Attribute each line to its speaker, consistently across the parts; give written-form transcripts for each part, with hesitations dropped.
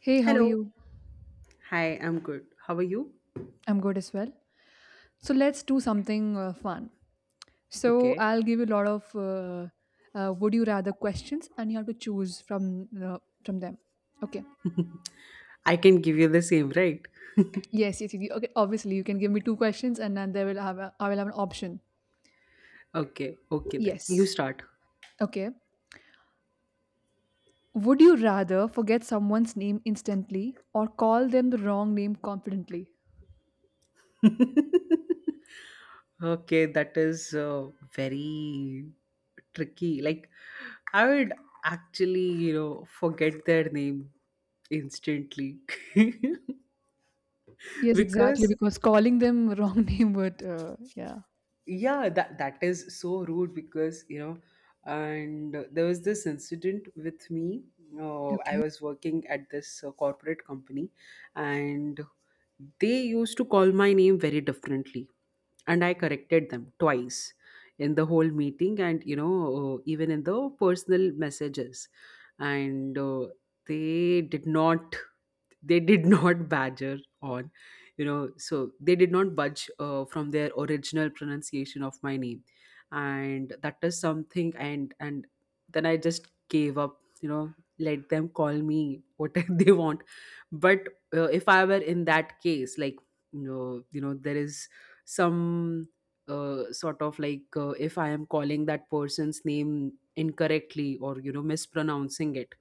Speaker 1: Hey, how are
Speaker 2: Hello.
Speaker 1: you?
Speaker 2: Hi, I'm good. How are you?
Speaker 1: I'm good as well. So let's do something fun. So
Speaker 2: Okay.
Speaker 1: I'll give you a lot of would you rather questions, and you have to choose from them. Okay.
Speaker 2: I can give you the same, right?
Speaker 1: Yes. Okay. Obviously, you can give me two questions, and then they will have I will have an option.
Speaker 2: Okay. Okay, then. You
Speaker 1: Yes.
Speaker 2: start.
Speaker 1: Okay. Would you rather forget someone's name instantly or call them the wrong name confidently?
Speaker 2: Okay, that is very tricky. Like, I would actually, forget their name instantly.
Speaker 1: Yes, exactly.
Speaker 2: Because
Speaker 1: Because calling them wrong name would yeah.
Speaker 2: yeah, that is so rude because you know and There was this incident with me. I
Speaker 1: Okay.
Speaker 2: was working at this corporate company, and they used to call my name very differently, and I corrected them twice in the whole meeting, and even in the personal messages. And they did not, they did not badger on, you know, so they did not budge from their original pronunciation of my name. And that is something, and then I just gave up, you know. Let them call me whatever they want. But if I were in that case, like, you know, there is some sort of like, if I am calling that person's name incorrectly, or you know, mispronouncing it,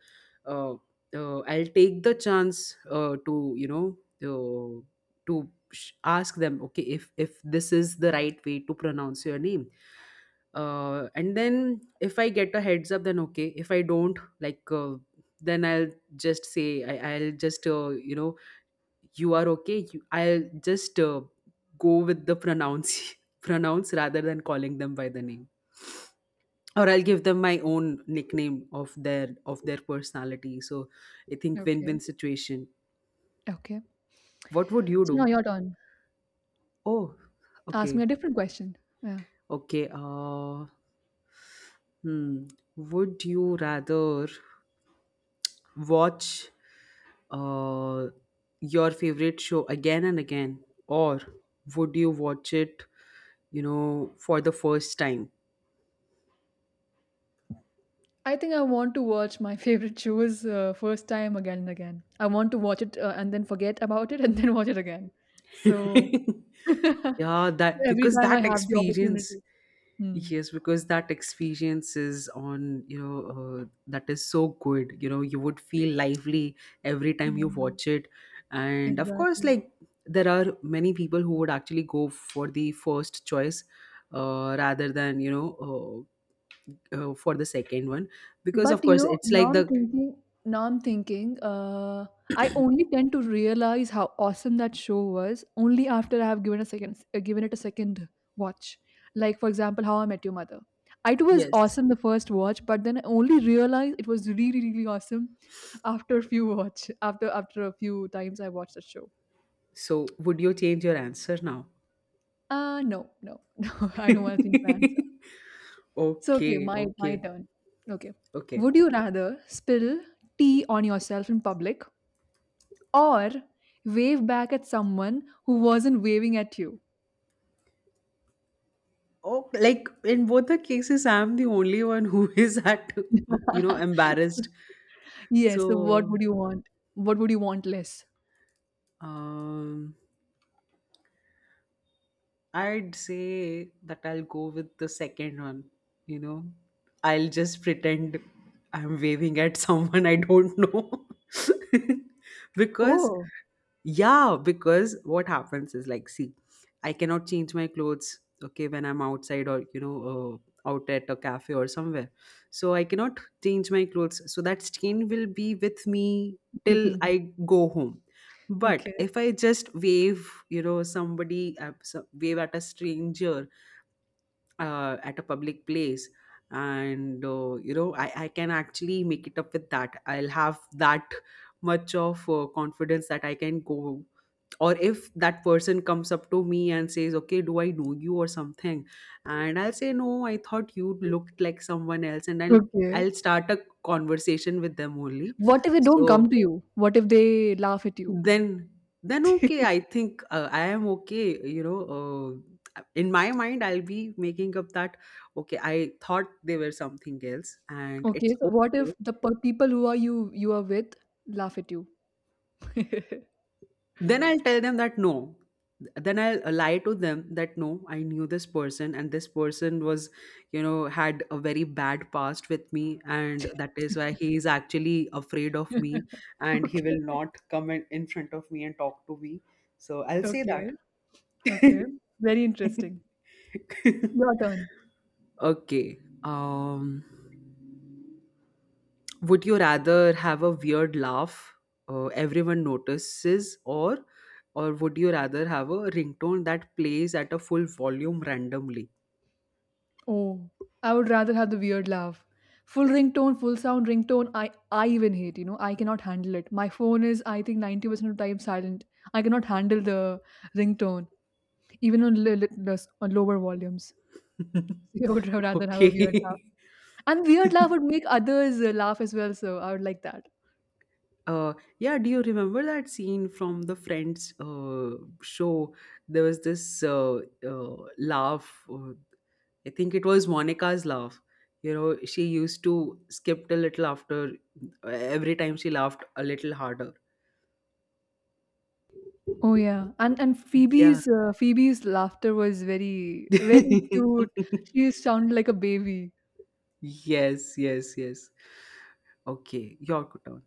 Speaker 2: uh, I'll take the chance to, you know, uh, to ask them, okay, if this is the right way to pronounce your name. Uh, and then if I get a heads up, then okay. If I don't, like then I'll just say, I'll just, uh, you are okay, you, I'll just, go with the pronounce pronounce rather than calling them by the name. Or I'll give them my own nickname of their personality. So I think win-win
Speaker 1: Okay.
Speaker 2: situation.
Speaker 1: Okay.
Speaker 2: What would you
Speaker 1: So now
Speaker 2: do?
Speaker 1: your turn.
Speaker 2: Oh,
Speaker 1: Ask me
Speaker 2: okay,
Speaker 1: a different question. Yeah.
Speaker 2: okay. Hmm. Would you rather watch uh your favorite show again and again, or would you watch it, you know, for the first time?
Speaker 1: I think I want to watch my favorite shows first time again and again. I want to watch it and then forget about it and then watch it again. So
Speaker 2: Yeah, that,
Speaker 1: every
Speaker 2: because
Speaker 1: time I
Speaker 2: that
Speaker 1: have the
Speaker 2: experience,
Speaker 1: opportunity. Hmm.
Speaker 2: yes, because that experience is on, you know, that is so good. You know, you would feel lively every time
Speaker 1: Yeah,
Speaker 2: you watch it. And of course,
Speaker 1: exactly.
Speaker 2: like, there are many people who would actually go for the first choice rather than, you know, for the second one. Because, of
Speaker 1: But you
Speaker 2: course,
Speaker 1: know,
Speaker 2: it's like the,
Speaker 1: now I'm thinking, I only tend to realize how awesome that show was only after I have given given it a second watch. Like for example, How I Met Your Mother. I too was
Speaker 2: yes.
Speaker 1: awesome the first watch, but then I only realized it was really, really, really awesome after a few watch, after a few times I watched the show.
Speaker 2: So, would you change your answer now?
Speaker 1: No, I don't want to think my answer. So okay,
Speaker 2: Okay,
Speaker 1: my
Speaker 2: okay,
Speaker 1: turn. Okay.
Speaker 2: okay.
Speaker 1: Would you rather spill tea on yourself in public or wave back at someone who wasn't waving at you?
Speaker 2: Oh, like in both the cases, I'm the only one who is at, you know, embarrassed.
Speaker 1: Yes, so what
Speaker 2: So,
Speaker 1: would you want? What would you want less?
Speaker 2: um, I'd say that I'll go with the second one. You know, I'll just pretend I'm waving at someone I don't know. Because,
Speaker 1: Oh,
Speaker 2: yeah, because what happens is like, see, I cannot change my clothes, okay, when I'm outside, or, you know, out at a cafe or somewhere. So I cannot change my clothes. So that stain will be with me till I go home. But
Speaker 1: okay,
Speaker 2: if I just wave, you know, somebody, wave at a stranger at a public place, and you know, I can actually make it up with that. I'll have that much of confidence that I can go. Or if that person comes up to me and says, okay, do I know you or something, and I'll say, no, I thought you looked like someone else, and i'll
Speaker 1: okay.
Speaker 2: i'll start a conversation with them only.
Speaker 1: What if they don't
Speaker 2: So
Speaker 1: come to you? What if they laugh at you?
Speaker 2: then then okay, I think I am okay, you know. In my mind, I'll be making up that, okay, I thought they were something else, and it's
Speaker 1: Okay, so what
Speaker 2: okay.
Speaker 1: if the people who are you you are with laugh at you?
Speaker 2: Then I'll tell them that no, then I'll lie to them that no, I knew this person, and this person was, you know, had a very bad past with me, and that is why he is actually afraid of me, and he will
Speaker 1: Okay,
Speaker 2: not come in front of me and talk to me. So I'll say that.
Speaker 1: okay, okay. Very interesting. Your turn.
Speaker 2: Okay. Would you rather have a weird laugh everyone notices, or would you rather have a ringtone that plays at a full volume randomly?
Speaker 1: Oh, I would rather have the weird laugh. Full ringtone, full sound ringtone, I even hate, you know, I cannot handle it. My phone is, I think, 90% of the time silent. I cannot handle the ringtone, even on, on lower volumes. So I would rather have a weird laugh.
Speaker 2: Okay.
Speaker 1: And weird laugh would make others laugh as well, so I would like that.
Speaker 2: Yeah, do you remember that scene from the Friends show? There was this laugh. I think it was Monica's laugh. You know, she used to skip a little after every time she laughed a little harder.
Speaker 1: Oh yeah, and
Speaker 2: Yeah.
Speaker 1: Phoebe's Phoebe's laughter was very, very cute. She sounded like a baby.
Speaker 2: Yes, yes, yes. Okay, your turn.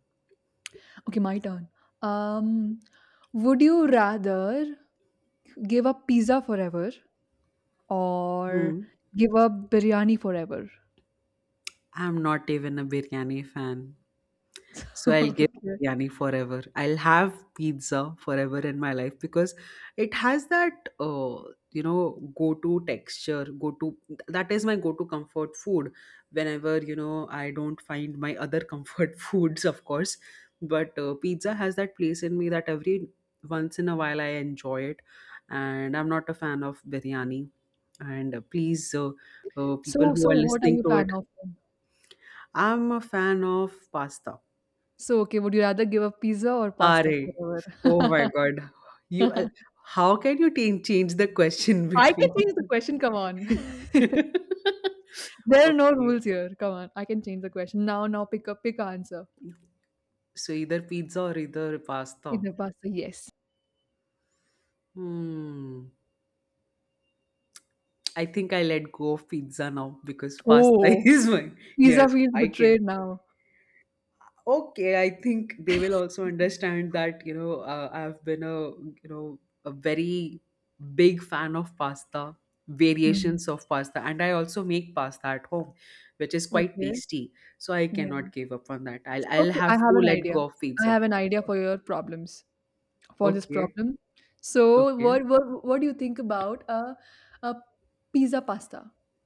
Speaker 1: Okay, my turn. Um, would you rather give up pizza forever or
Speaker 2: Hmm.
Speaker 1: give up biryani forever?
Speaker 2: I'm not even a biryani fan. So I'll give
Speaker 1: Okay.
Speaker 2: biryani forever. I'll have pizza forever in my life, because it has that you know, go-to texture, go-to that is my go-to comfort food. Whenever, you know, I don't find my other comfort foods, of course, but pizza has that place in me that every once in a while I enjoy it, and I'm not a fan of biryani. And please, people
Speaker 1: So
Speaker 2: who are
Speaker 1: so what are
Speaker 2: listening
Speaker 1: you
Speaker 2: to
Speaker 1: fan
Speaker 2: it,
Speaker 1: of then?
Speaker 2: I'm a fan of pasta.
Speaker 1: So, okay, would you rather give up pizza or
Speaker 2: RA.
Speaker 1: pasta
Speaker 2: Oh my
Speaker 1: forever?
Speaker 2: God. You, how can you change the question
Speaker 1: I can
Speaker 2: between?
Speaker 1: change the question, come on. There are no
Speaker 2: Okay.
Speaker 1: rules here. Come on, I can change the question. Now, pick a answer.
Speaker 2: So either pizza or either pasta.
Speaker 1: Either pasta, yes.
Speaker 2: Hmm. I think I let go of pizza now because pasta
Speaker 1: Oh,
Speaker 2: is my.
Speaker 1: pizza
Speaker 2: Yes,
Speaker 1: feels
Speaker 2: I can.
Speaker 1: betrayed now.
Speaker 2: Okay, I think they will also understand that, you know, I've been a, you know, a very big fan of pasta,
Speaker 1: Hmm.
Speaker 2: variations of pasta, and I also make pasta at home, which is quite
Speaker 1: Okay.
Speaker 2: tasty. So I
Speaker 1: Yeah.
Speaker 2: cannot give up on that. I'll
Speaker 1: Okay, I
Speaker 2: have to
Speaker 1: have an
Speaker 2: let
Speaker 1: idea.
Speaker 2: go of
Speaker 1: I
Speaker 2: pizza.
Speaker 1: have an idea for your problems. For this
Speaker 2: Okay,
Speaker 1: problem. So
Speaker 2: okay.
Speaker 1: what do you think about a pizza pasta?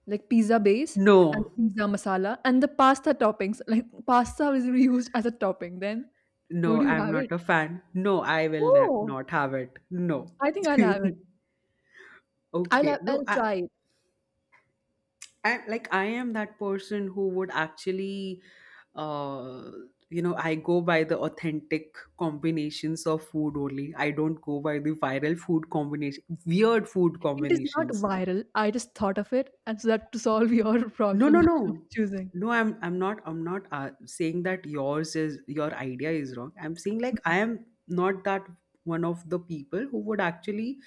Speaker 1: Like pizza base and
Speaker 2: No,
Speaker 1: pizza masala and the pasta toppings. Like pasta is reused as a topping. Then
Speaker 2: no,
Speaker 1: would you
Speaker 2: I'm
Speaker 1: have
Speaker 2: not
Speaker 1: it?
Speaker 2: a fan. No, I will
Speaker 1: Oh,
Speaker 2: not have it. No.
Speaker 1: I think I'll have it.
Speaker 2: Okay. No,
Speaker 1: I'll try it.
Speaker 2: I like, I am that person who would actually uh you know, I go by the authentic combinations of food only. I don't go by the viral food combination, weird food
Speaker 1: It is not
Speaker 2: combinations.
Speaker 1: viral. I just thought of it, and so that to solve your
Speaker 2: No,
Speaker 1: problem
Speaker 2: no,
Speaker 1: of
Speaker 2: no.
Speaker 1: choosing.
Speaker 2: No, I'm not, I'm not saying that yours is, your idea is wrong. I'm saying, like, I
Speaker 1: Mhm.
Speaker 2: am not that one of the people who would actually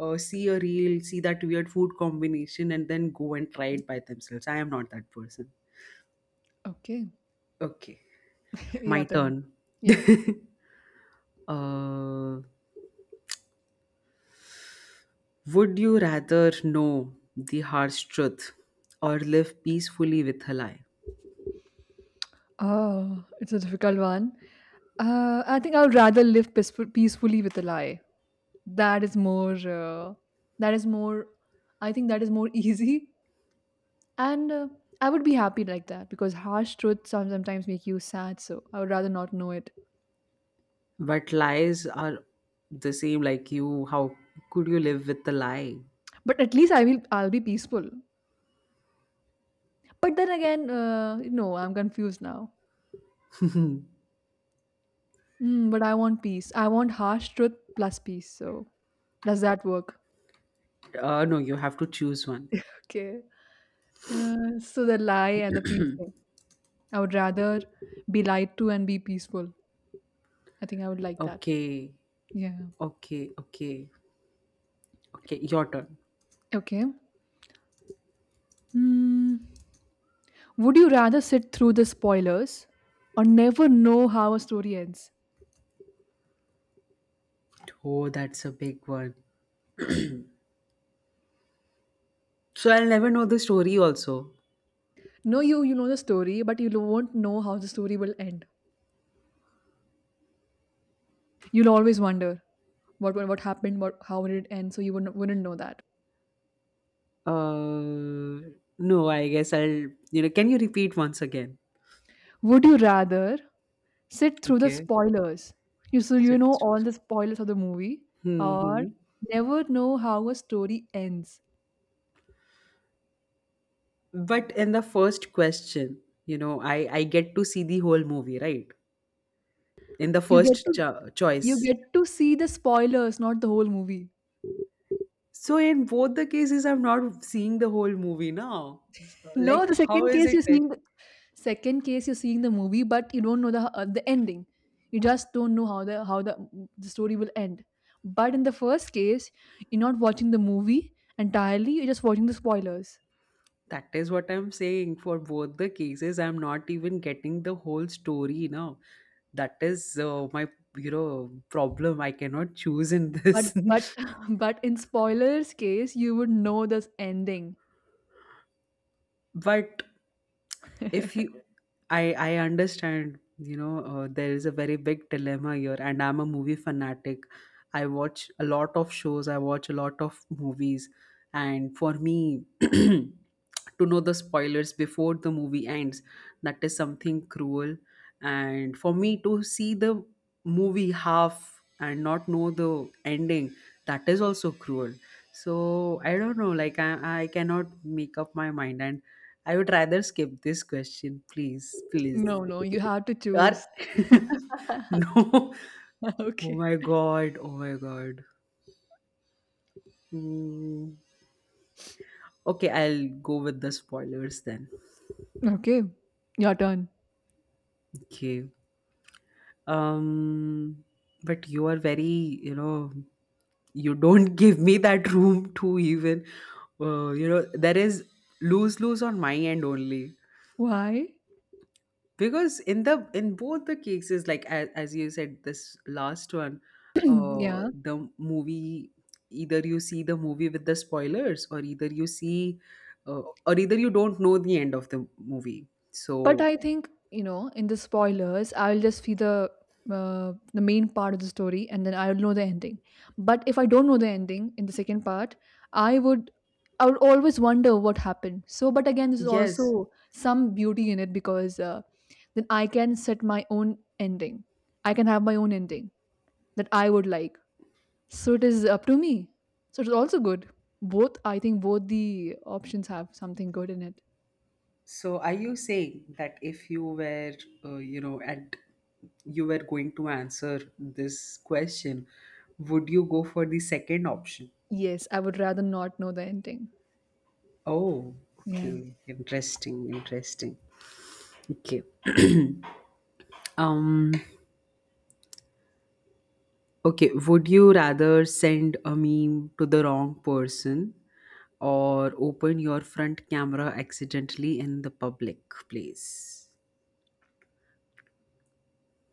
Speaker 2: see a reel, see that weird food combination, and then go and try it by themselves. I am not that person.
Speaker 1: Okay,
Speaker 2: Okay. My
Speaker 1: your turn.
Speaker 2: turn.
Speaker 1: Yeah.
Speaker 2: Uh, would you rather know the harsh truth, or live peacefully with a lie?
Speaker 1: Oh, it's a difficult one. I think I would rather live peacefully with a lie. That is more uh, that is more I think that is more easy and I would be happy like that because harsh truths sometimes make you sad, so I would rather not know it.
Speaker 2: But lies are the same, like you. How could you live with the lie?
Speaker 1: But at least I'll be peaceful. But then again, no, I'm confused now. But I want peace. I want harsh truth plus peace, so does that work?
Speaker 2: No, you have to choose one.
Speaker 1: Okay. So the lie and the peace thing, I would rather be lied to and be peaceful. I think I would like that.
Speaker 2: Okay,
Speaker 1: Yeah.
Speaker 2: okay, okay, okay. Your turn.
Speaker 1: Okay. Hmm. Would you rather sit through the spoilers or never know how a story ends?
Speaker 2: Oh, that's a big one. So I'll never know the story also.
Speaker 1: No, you know the story, but you won't know how the story will end. You'll always wonder what happened, what how did it end, so you wouldn't know that.
Speaker 2: Uh, no, I guess I'll, you know, can you repeat once again?
Speaker 1: Would you rather sit through the
Speaker 2: Okay.
Speaker 1: spoilers? You so you
Speaker 2: Sit.
Speaker 1: know all the spoilers of the movie, or
Speaker 2: Hmm.
Speaker 1: never know how a story ends.
Speaker 2: But in the first question, you know, I get to see the whole movie, right? In the
Speaker 1: You get
Speaker 2: first
Speaker 1: to you
Speaker 2: choice.
Speaker 1: get to see the spoilers, not the whole movie.
Speaker 2: So in both the cases, I'm not seeing the whole movie now. Like,
Speaker 1: No, the
Speaker 2: how
Speaker 1: second
Speaker 2: is
Speaker 1: case
Speaker 2: it
Speaker 1: you're
Speaker 2: fair?
Speaker 1: seeing Second case, you're seeing the movie, but you don't know the ending. You just don't know how the story will end. But in the first case, you're not watching the movie entirely. You're just watching the spoilers.
Speaker 2: That is what I'm saying. For both the cases, I'm not even getting the whole story now. That is my, you know, problem. I cannot choose in
Speaker 1: But
Speaker 2: this.
Speaker 1: but but in spoilers case, you would know this ending.
Speaker 2: But if you, I understand, you know, there is a very big dilemma here, and I'm a movie fanatic. I watch a lot of shows, I watch a lot of movies, and for me to know the spoilers before the movie ends, that is something cruel. And for me to see the movie half and not know the ending, that is also cruel. So I don't know, like I cannot make up my mind, and I would rather skip this question, please, please.
Speaker 1: No, no, you have to
Speaker 2: Or
Speaker 1: choose.
Speaker 2: no. Oh
Speaker 1: okay.
Speaker 2: my god. Oh my god. Hmm. Okay, I'll go with the spoilers then.
Speaker 1: Okay, your turn.
Speaker 2: Okay. Um, but you are very, you know, you don't give me that room to even, you know, there is lose, lose on my end only.
Speaker 1: Why?
Speaker 2: Because in the, in both the cases, like, as you said, this last one,
Speaker 1: Yeah.
Speaker 2: the movie, either you see the movie with the spoilers, or either you see, or either you don't know the end of the movie,
Speaker 1: But
Speaker 2: so
Speaker 1: I think, you know, in the spoilers, I'll just see the main part of the story and then I'll know the ending. But if I don't know the ending in the second part, I would I would always wonder what happened. So, but again, there's
Speaker 2: yes.
Speaker 1: also some beauty in it because then I can set my own ending. I can have my own ending that I would like. So it is up to me. So it's also good. Both, I think, both the options have something good in it.
Speaker 2: So are you saying that if you were, you know, at you were going to answer this question, would you go for the second option?
Speaker 1: Yes, I would rather not know the ending.
Speaker 2: Oh,
Speaker 1: Yeah.
Speaker 2: okay, interesting, interesting. Okay. Um, okay, would you rather send a meme to the wrong person, or open your front camera accidentally in the public place?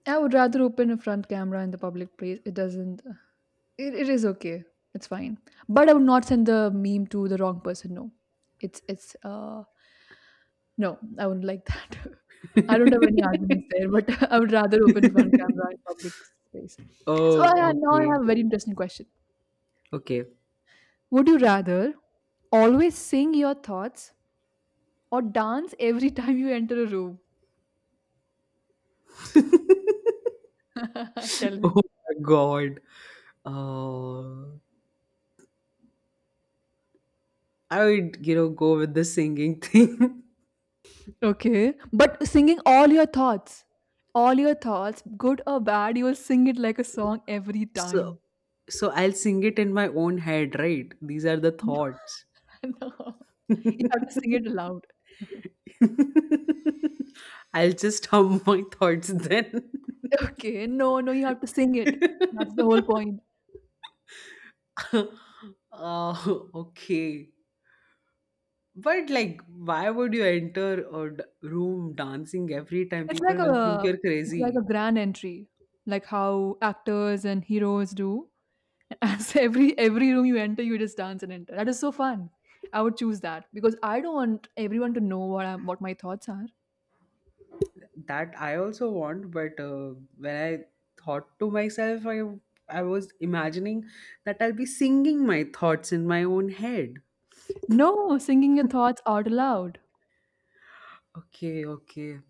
Speaker 1: I would rather open a front camera in the public place. It doesn't. It is okay. It's fine. But I would not send the meme to the wrong person. No, it's no. I wouldn't like that. I don't have any arguments there. But I would rather open front camera in public space. So
Speaker 2: Oh,
Speaker 1: now I
Speaker 2: okay.
Speaker 1: have a very interesting question.
Speaker 2: Okay.
Speaker 1: Would you rather always sing your thoughts or dance every time you enter a room? Tell me.
Speaker 2: Oh my god. Uh, I would, you know, go with the singing thing.
Speaker 1: Okay, but singing all your thoughts, good or bad, you will sing it like a song every
Speaker 2: So,
Speaker 1: time.
Speaker 2: so I'll sing it in my own head, right? These are the thoughts.
Speaker 1: No, you have to sing it aloud.
Speaker 2: I'll just hum my thoughts then.
Speaker 1: Okay, no, no, you have to sing it. That's the whole point.
Speaker 2: Oh, okay. But like, why would you enter a room dancing every time?
Speaker 1: It's
Speaker 2: People
Speaker 1: like
Speaker 2: will think
Speaker 1: a,
Speaker 2: you're
Speaker 1: it's like a
Speaker 2: crazy.
Speaker 1: grand entry, like how actors and heroes do. As every room you enter, you just dance and enter. That is so fun. I would choose that because I don't want everyone to know what my thoughts are.
Speaker 2: That I also want, but when I thought to myself, I was imagining that I'll be singing my thoughts in my own head.
Speaker 1: No, singing your thoughts out loud.
Speaker 2: Okay, okay.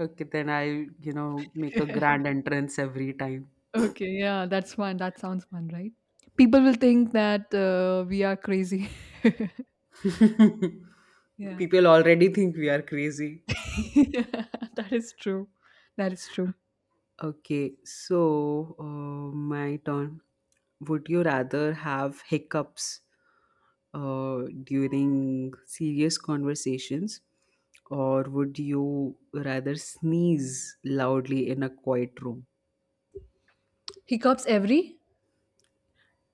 Speaker 2: Okay, then I, you know, make a grand entrance every time.
Speaker 1: Okay, yeah, that's fun. That sounds fun, right? People will think that we are crazy. yeah.
Speaker 2: People already think we are crazy.
Speaker 1: Yeah, that is true. That is true.
Speaker 2: Okay, so my turn. Would you rather have hiccups during serious conversations, or would you rather sneeze loudly in a quiet room?
Speaker 1: Hiccups every?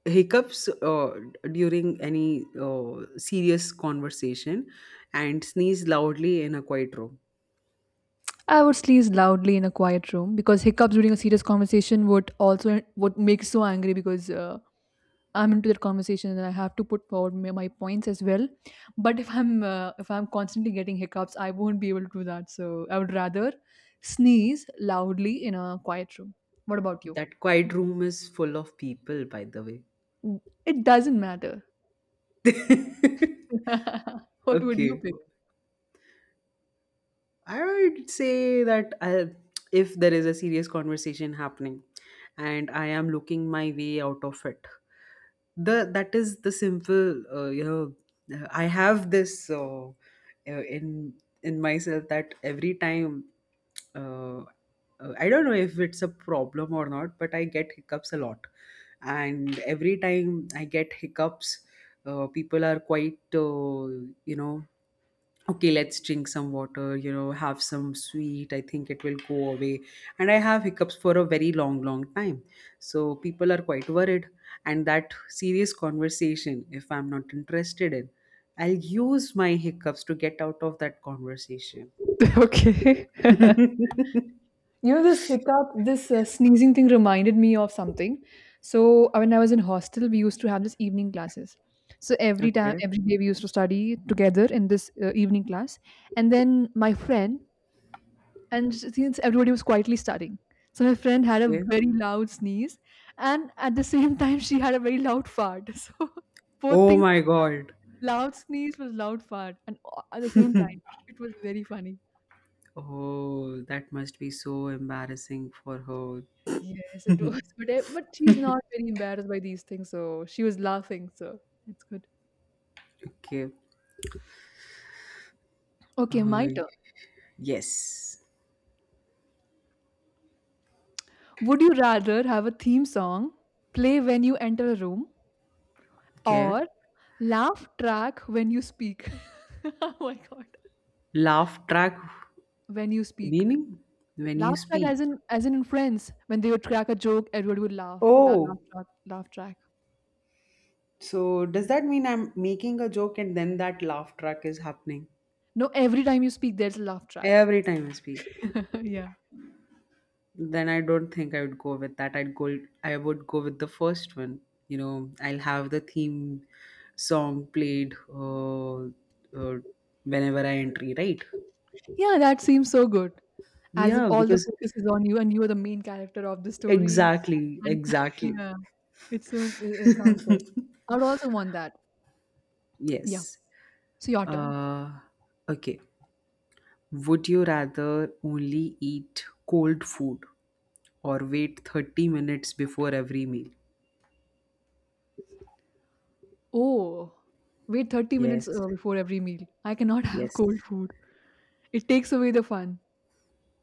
Speaker 2: Hiccups during any serious conversation and sneeze loudly in a quiet room.
Speaker 1: I would sneeze loudly in a quiet room because hiccups during a serious conversation would also would make so angry because I'm into that conversation and I have to put forward my points as well. But if I'm constantly getting hiccups, I won't be able to do that. So I would rather sneeze loudly in a quiet room. What about you?
Speaker 2: That quiet room is full of people, by the way.
Speaker 1: Mm, it doesn't matter. What would you
Speaker 2: Okay.
Speaker 1: pick?
Speaker 2: I would say that I, if there is a serious conversation happening and I am looking my way out of it, the that is the simple. I have this in in myself, that every time uh, I don't know if it's a problem or not, but I get hiccups a lot. And every time I get hiccups, people are quite, you know okay, let's drink some water, have some sweet, I think it will go away. And I have hiccups for a very long, long time, so people are quite worried. And that serious conversation, if I'm not interested in, I'll use my hiccups to get out of that conversation.
Speaker 1: Okay. You know, this hiccup, this sneezing thing reminded me of something. So, when I was in hostel, we used to have this evening classes. So, every time,
Speaker 2: Okay.
Speaker 1: every day, we used to study together in this evening class. And then my friend, and since everybody was quietly studying, so my friend had a
Speaker 2: Okay.
Speaker 1: very loud sneeze, and at the same time she had a very loud fart so both
Speaker 2: Oh
Speaker 1: things
Speaker 2: my
Speaker 1: combined.
Speaker 2: god.
Speaker 1: Loud sneeze was loud fart and at the same time it was very funny.
Speaker 2: Oh, that must be so embarrassing for her.
Speaker 1: Yes, it was but but she's not very embarrassed by these things, so she was laughing, so it's good.
Speaker 2: Okay.
Speaker 1: Okay, my
Speaker 2: uh,
Speaker 1: turn.
Speaker 2: yes.
Speaker 1: Would you rather have a theme song play when you enter a room
Speaker 2: Okay.
Speaker 1: or laugh track when you speak? Oh my god.
Speaker 2: Laugh track.
Speaker 1: When you speak.
Speaker 2: Meaning, when you
Speaker 1: Laugh track
Speaker 2: speak?
Speaker 1: as in Friends. When they would crack a joke, everybody would laugh. So that
Speaker 2: Oh,
Speaker 1: laugh track.
Speaker 2: so does that mean I'm making a joke and then that laugh track is happening?
Speaker 1: No, every time you speak there's a laugh track.
Speaker 2: Every time I speak,
Speaker 1: yeah.
Speaker 2: then I don't think I would go with that. I'd go. I would go with the first one. You know, I'll have the theme song played whenever I entry, right?
Speaker 1: Yeah, that seems so good. As if
Speaker 2: Yeah,
Speaker 1: all the
Speaker 2: because
Speaker 1: focus is on you and you are the main character of the story. Exactly.
Speaker 2: exactly,
Speaker 1: And
Speaker 2: exactly.
Speaker 1: yeah. It sounds good. I would also want that. Yeah.
Speaker 2: Yes.
Speaker 1: So your turn.
Speaker 2: Uh, okay. Would you rather only eat cold food or wait 30 minutes before every meal?
Speaker 1: Oh, wait 30 minutes
Speaker 2: Yes,
Speaker 1: before every meal. I cannot have
Speaker 2: yes,
Speaker 1: cold food. It takes away the fun.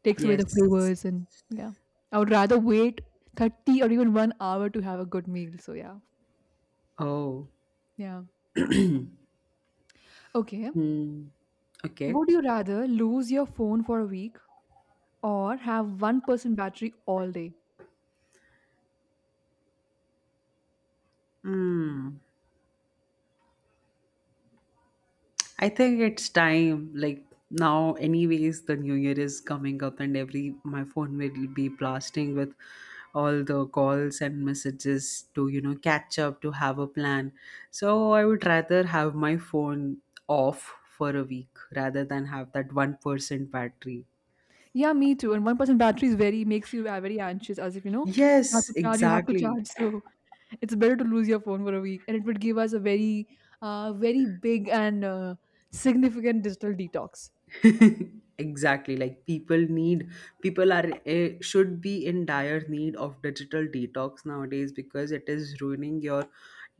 Speaker 1: Takes away the
Speaker 2: yes.
Speaker 1: flavors and yeah, I would rather wait 30 or even 1 hour to have a good meal, so yeah.
Speaker 2: Oh,
Speaker 1: Yeah, okay,
Speaker 2: hmm. Okay.
Speaker 1: would you rather lose your phone for a week or have 1% battery all day?
Speaker 2: Hmm. I think it's time. Like, now anyways, the new year is coming up, and every my phone will be blasting with all the calls and messages to, catch up, to have a plan. So I would rather have my phone off for a week rather than have that 1% battery.
Speaker 1: Yeah, me too. And 1% battery is very makes you very anxious, as if you know you have
Speaker 2: Yes,
Speaker 1: to charge, you have to
Speaker 2: exactly.
Speaker 1: charge so it's better to lose your phone for a week, and it would give us a very very big and significant digital detox.
Speaker 2: Exactly, like people need, people are should be in dire need of digital detox nowadays, because it is ruining your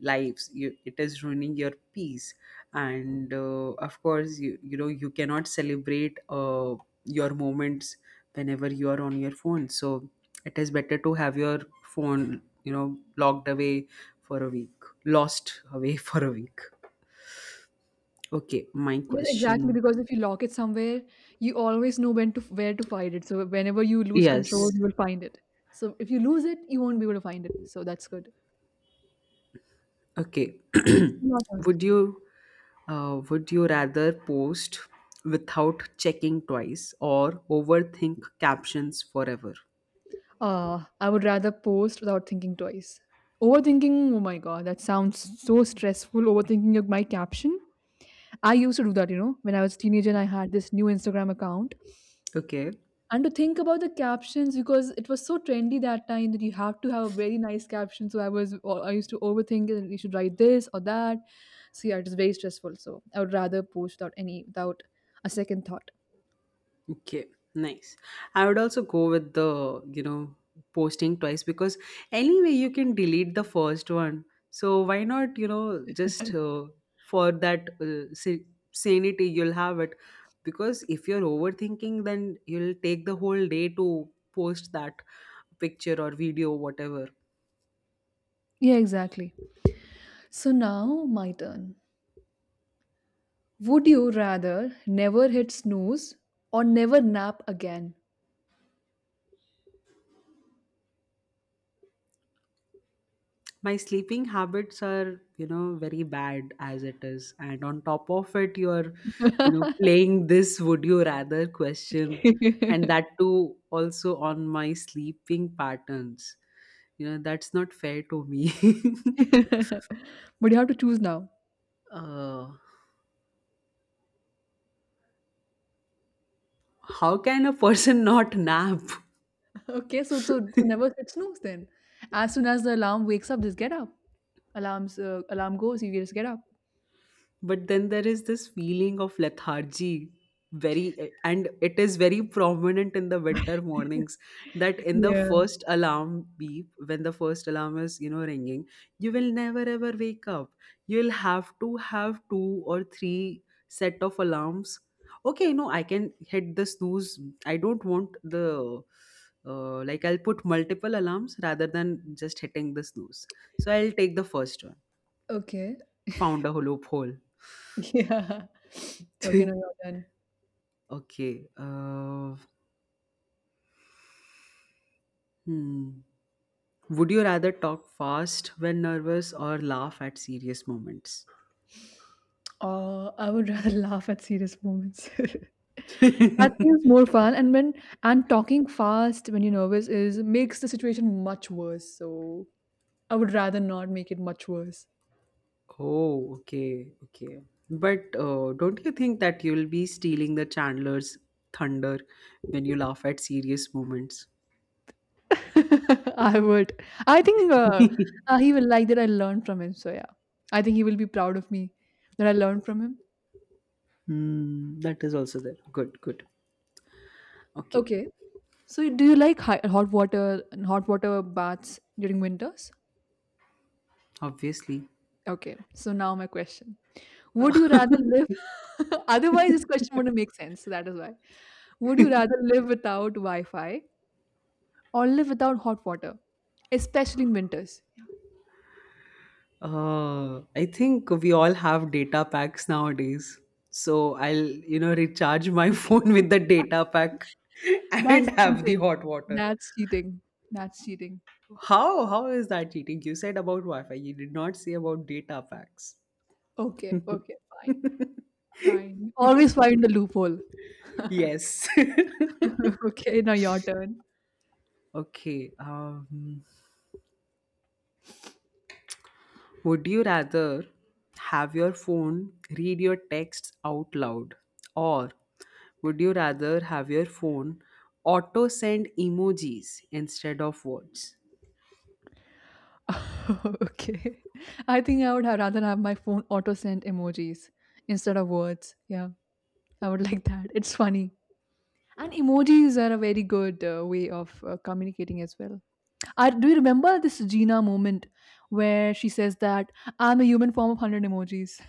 Speaker 2: lives, you, it is ruining your peace, and of course you cannot celebrate your moments whenever you are on your phone, so it is better to have your phone locked away for a week, lost away for a week. Okay, my
Speaker 1: Yes, exactly.
Speaker 2: question.
Speaker 1: Because if you lock it somewhere, you always know when to where to find it. So whenever you lose
Speaker 2: Yes.
Speaker 1: control, you will find it. So if you lose it, you won't be able to find it. So that's good.
Speaker 2: Okay.
Speaker 1: Your turn.
Speaker 2: would you would you rather post without checking twice or overthink captions forever?
Speaker 1: I would rather post without thinking twice. Overthinking, oh my god, that sounds so stressful. Overthinking of my caption. I used to do that, you know, when I was a teenager and I had this new Instagram account.
Speaker 2: Okay.
Speaker 1: And to think about the captions, because it was so trendy that time that you have to have a very nice caption. So I was or I used to overthink it, and you should write this or that. So yeah, it is very stressful. So I would rather post without any, without a second thought.
Speaker 2: Okay, nice. I would also go with the, posting twice, because anyway you can delete the first one. So why not, just for that sanity you'll have it, because if you're overthinking then you'll take the whole day to post that picture or video, whatever.
Speaker 1: Yeah, exactly. So now my turn. Would you rather never hit snooze or never nap again?
Speaker 2: My sleeping habits are, very bad as it is, and on top of it you're,
Speaker 1: But
Speaker 2: playing this would you rather question, and that too also on my sleeping patterns, that's not fair to me.
Speaker 1: you have to choose now.
Speaker 2: uh, how can a person not nap?
Speaker 1: Okay, so never hit snooze then. As soon as the alarm wakes up, just get up. Alarm goes, you just get up.
Speaker 2: But then there is this feeling of lethargy very, and it is very prominent in the winter mornings, that in the
Speaker 1: Yeah.
Speaker 2: first alarm beep, when the first alarm is ringing, you will never ever wake up. You'll have to have two or three set of alarms. Okay, no, I can hit the snooze. I don't want the like, I'll put multiple alarms rather than just hitting the snooze, so I'll take the first one.
Speaker 1: Okay.
Speaker 2: Found a hollow hole.
Speaker 1: Yeah. Okay, no, you're done.
Speaker 2: Okay. Hmm. Would you rather talk fast when nervous or laugh at serious moments?
Speaker 1: Oh, I would rather laugh at serious moments. That seems more fun. And talking fast when you're nervous is makes the situation much worse. So I would rather not make it much worse.
Speaker 2: Oh, okay, okay. But don't you think that you'll be stealing the Chandler's thunder when you laugh at serious moments?
Speaker 1: I would. I think he will like that I learned from him. So yeah, I think he will be proud of me that I learned from him.
Speaker 2: Hmm, that is also there. Good, good. Okay,
Speaker 1: Okay. So, do you like hot water and hot water baths during winters?
Speaker 2: obviously.
Speaker 1: Okay, so now my question: would you rather live? Otherwise, this question wouldn't make sense. So that is why. Would you rather live without Wi-Fi or live without hot water, especially in winters?
Speaker 2: I think we all have data packs nowadays. So I'll, recharge my
Speaker 1: Okay,
Speaker 2: phone with the data pack and
Speaker 1: that's
Speaker 2: have the
Speaker 1: cheating.
Speaker 2: hot water.
Speaker 1: That's cheating. That's cheating.
Speaker 2: How? How is that cheating? You said about Wi-Fi. You did not say about data packs.
Speaker 1: Okay, okay, fine, fine. Always find the loophole.
Speaker 2: Yes.
Speaker 1: Okay, now your turn.
Speaker 2: Okay. Would you rather have your phone read your texts out loud, or would you rather have your phone auto send emojis instead of words?
Speaker 1: Okay. I think I would have rather have my phone auto send emojis instead of words. Yeah, I would like that. It's funny. And emojis are a very good way of communicating as well. I, do you remember this Gina moment where she says that I'm a human form of 100 emojis?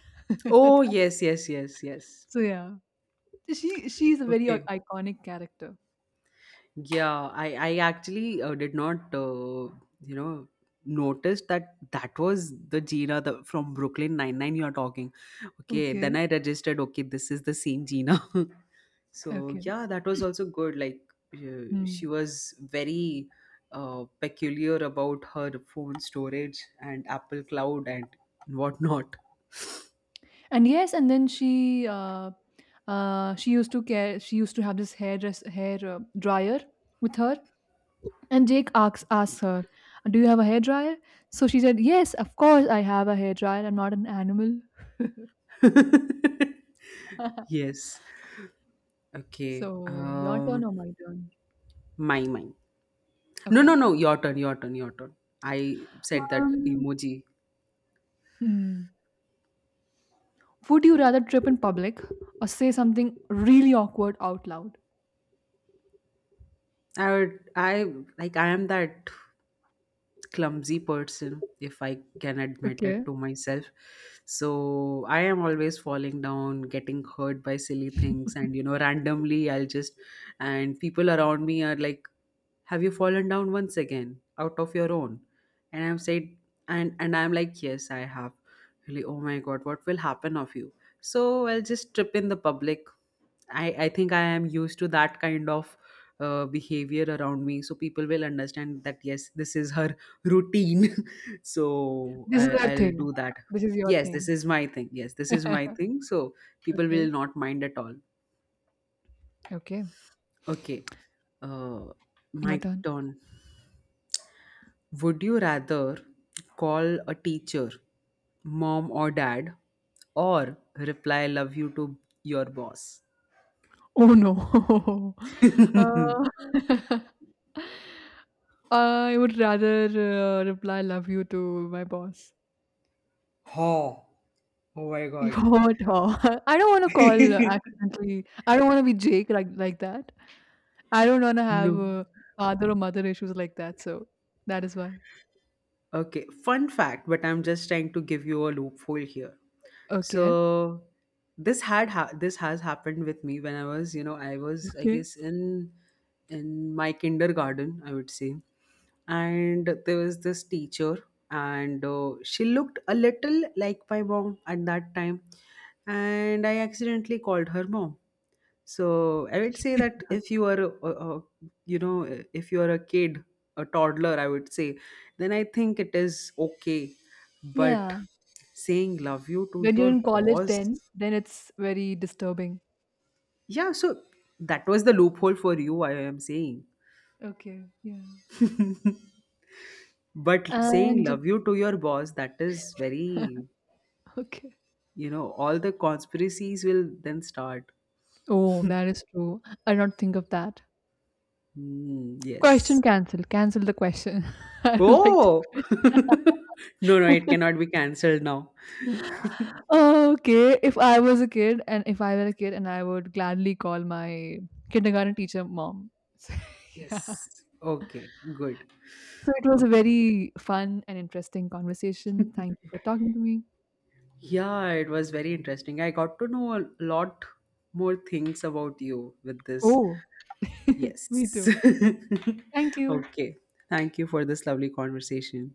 Speaker 2: Oh, yes, yes, yes, yes.
Speaker 1: So, yeah. She's a very
Speaker 2: Okay.
Speaker 1: iconic character.
Speaker 2: Yeah, I actually did not you know, notice that that was the Gina, from Brooklyn Nine-Nine, you're talking. Okay,
Speaker 1: Okay.
Speaker 2: then I registered, okay, this is the same Gina. So,
Speaker 1: Okay.
Speaker 2: yeah, that was also good. Like,
Speaker 1: Hmm.
Speaker 2: she was very peculiar about her phone storage and Apple Cloud and whatnot.
Speaker 1: And yes, and then she used to care. She used to have this hair dryer with her. And Jake asks her, "Do you have a hair dryer?" So she said, "Yes, of course I have a hair dryer. I'm not an animal."
Speaker 2: Yes. Okay.
Speaker 1: So your turn or my turn?
Speaker 2: My mine. No,
Speaker 1: Okay,
Speaker 2: no, no.
Speaker 1: okay.
Speaker 2: Your turn. Your turn. Your turn. I said that
Speaker 1: Um,
Speaker 2: emoji.
Speaker 1: hmm. Would you rather trip in public or say something really awkward out loud?
Speaker 2: I would. I like. I am that clumsy person, if I can admit it
Speaker 1: Okay,
Speaker 2: to myself. So I am always falling down, getting hurt by silly things, and randomly I'll just. And people around me are like, have you fallen down once again out of your own? And I'm said. And I'm like, yes, I have. Really? Oh my god, what will happen of you? So I'll just trip in the public. I think I am used to that kind of behavior around me, so people will understand that, yes, this is her routine. So
Speaker 1: this is our
Speaker 2: I'll do
Speaker 1: thing.
Speaker 2: that.
Speaker 1: This is your
Speaker 2: Yes, this
Speaker 1: thing.
Speaker 2: is my thing, yes, this is my thing, so people will
Speaker 1: Okay,
Speaker 2: not mind at all.
Speaker 1: okay.
Speaker 2: Okay. uh my
Speaker 1: Your turn.
Speaker 2: turn. Would you rather call a teacher mom or dad, or reply love you to your boss?
Speaker 1: Oh, no. Uh, I would rather reply "love you" to my boss.
Speaker 2: Oh, oh my god.
Speaker 1: What? I don't want to call accidentally. I don't want to be Jake like that. I don't want to have
Speaker 2: No.
Speaker 1: father or mother issues like that. So that is why.
Speaker 2: Okay, fun fact, but I'm just trying to give you a loophole here.
Speaker 1: Okay.
Speaker 2: So this has happened with me when I was, I was, I
Speaker 1: Okay.
Speaker 2: guess, in my kindergarten, I would say. And there was this teacher, and she looked a little like my mom at that time, and I accidentally called her mom. So I would say that if you are, a- you know, if you are a kid, a toddler, I would say, then I think it is okay. But
Speaker 1: Yeah.
Speaker 2: saying love you to
Speaker 1: When you're
Speaker 2: your
Speaker 1: in college,
Speaker 2: boss,
Speaker 1: then it's very disturbing.
Speaker 2: yeah. So that was the loophole for you, I am saying.
Speaker 1: Okay. Yeah.
Speaker 2: But saying
Speaker 1: And
Speaker 2: love you to your boss, that is very,
Speaker 1: okay.
Speaker 2: all the conspiracies will then start.
Speaker 1: Oh, that is true. I don't think of that.
Speaker 2: Mm,
Speaker 1: Question
Speaker 2: yes.
Speaker 1: cancelled. Cancel the question. I don't like
Speaker 2: Oh,
Speaker 1: the question.
Speaker 2: no, no, it cannot be cancelled now.
Speaker 1: Okay, if I was a kid and if I were a kid and I would gladly call my kindergarten teacher mom. So, yeah.
Speaker 2: Yes. Okay, good.
Speaker 1: So it was a
Speaker 2: Okay.
Speaker 1: very fun and interesting conversation. Thank you for talking to me.
Speaker 2: Yeah, it was very interesting. I got to know a lot more things about you with this.
Speaker 1: Oh, me
Speaker 2: Yes.
Speaker 1: too. Thank you.
Speaker 2: Okay. Thank you for this lovely conversation.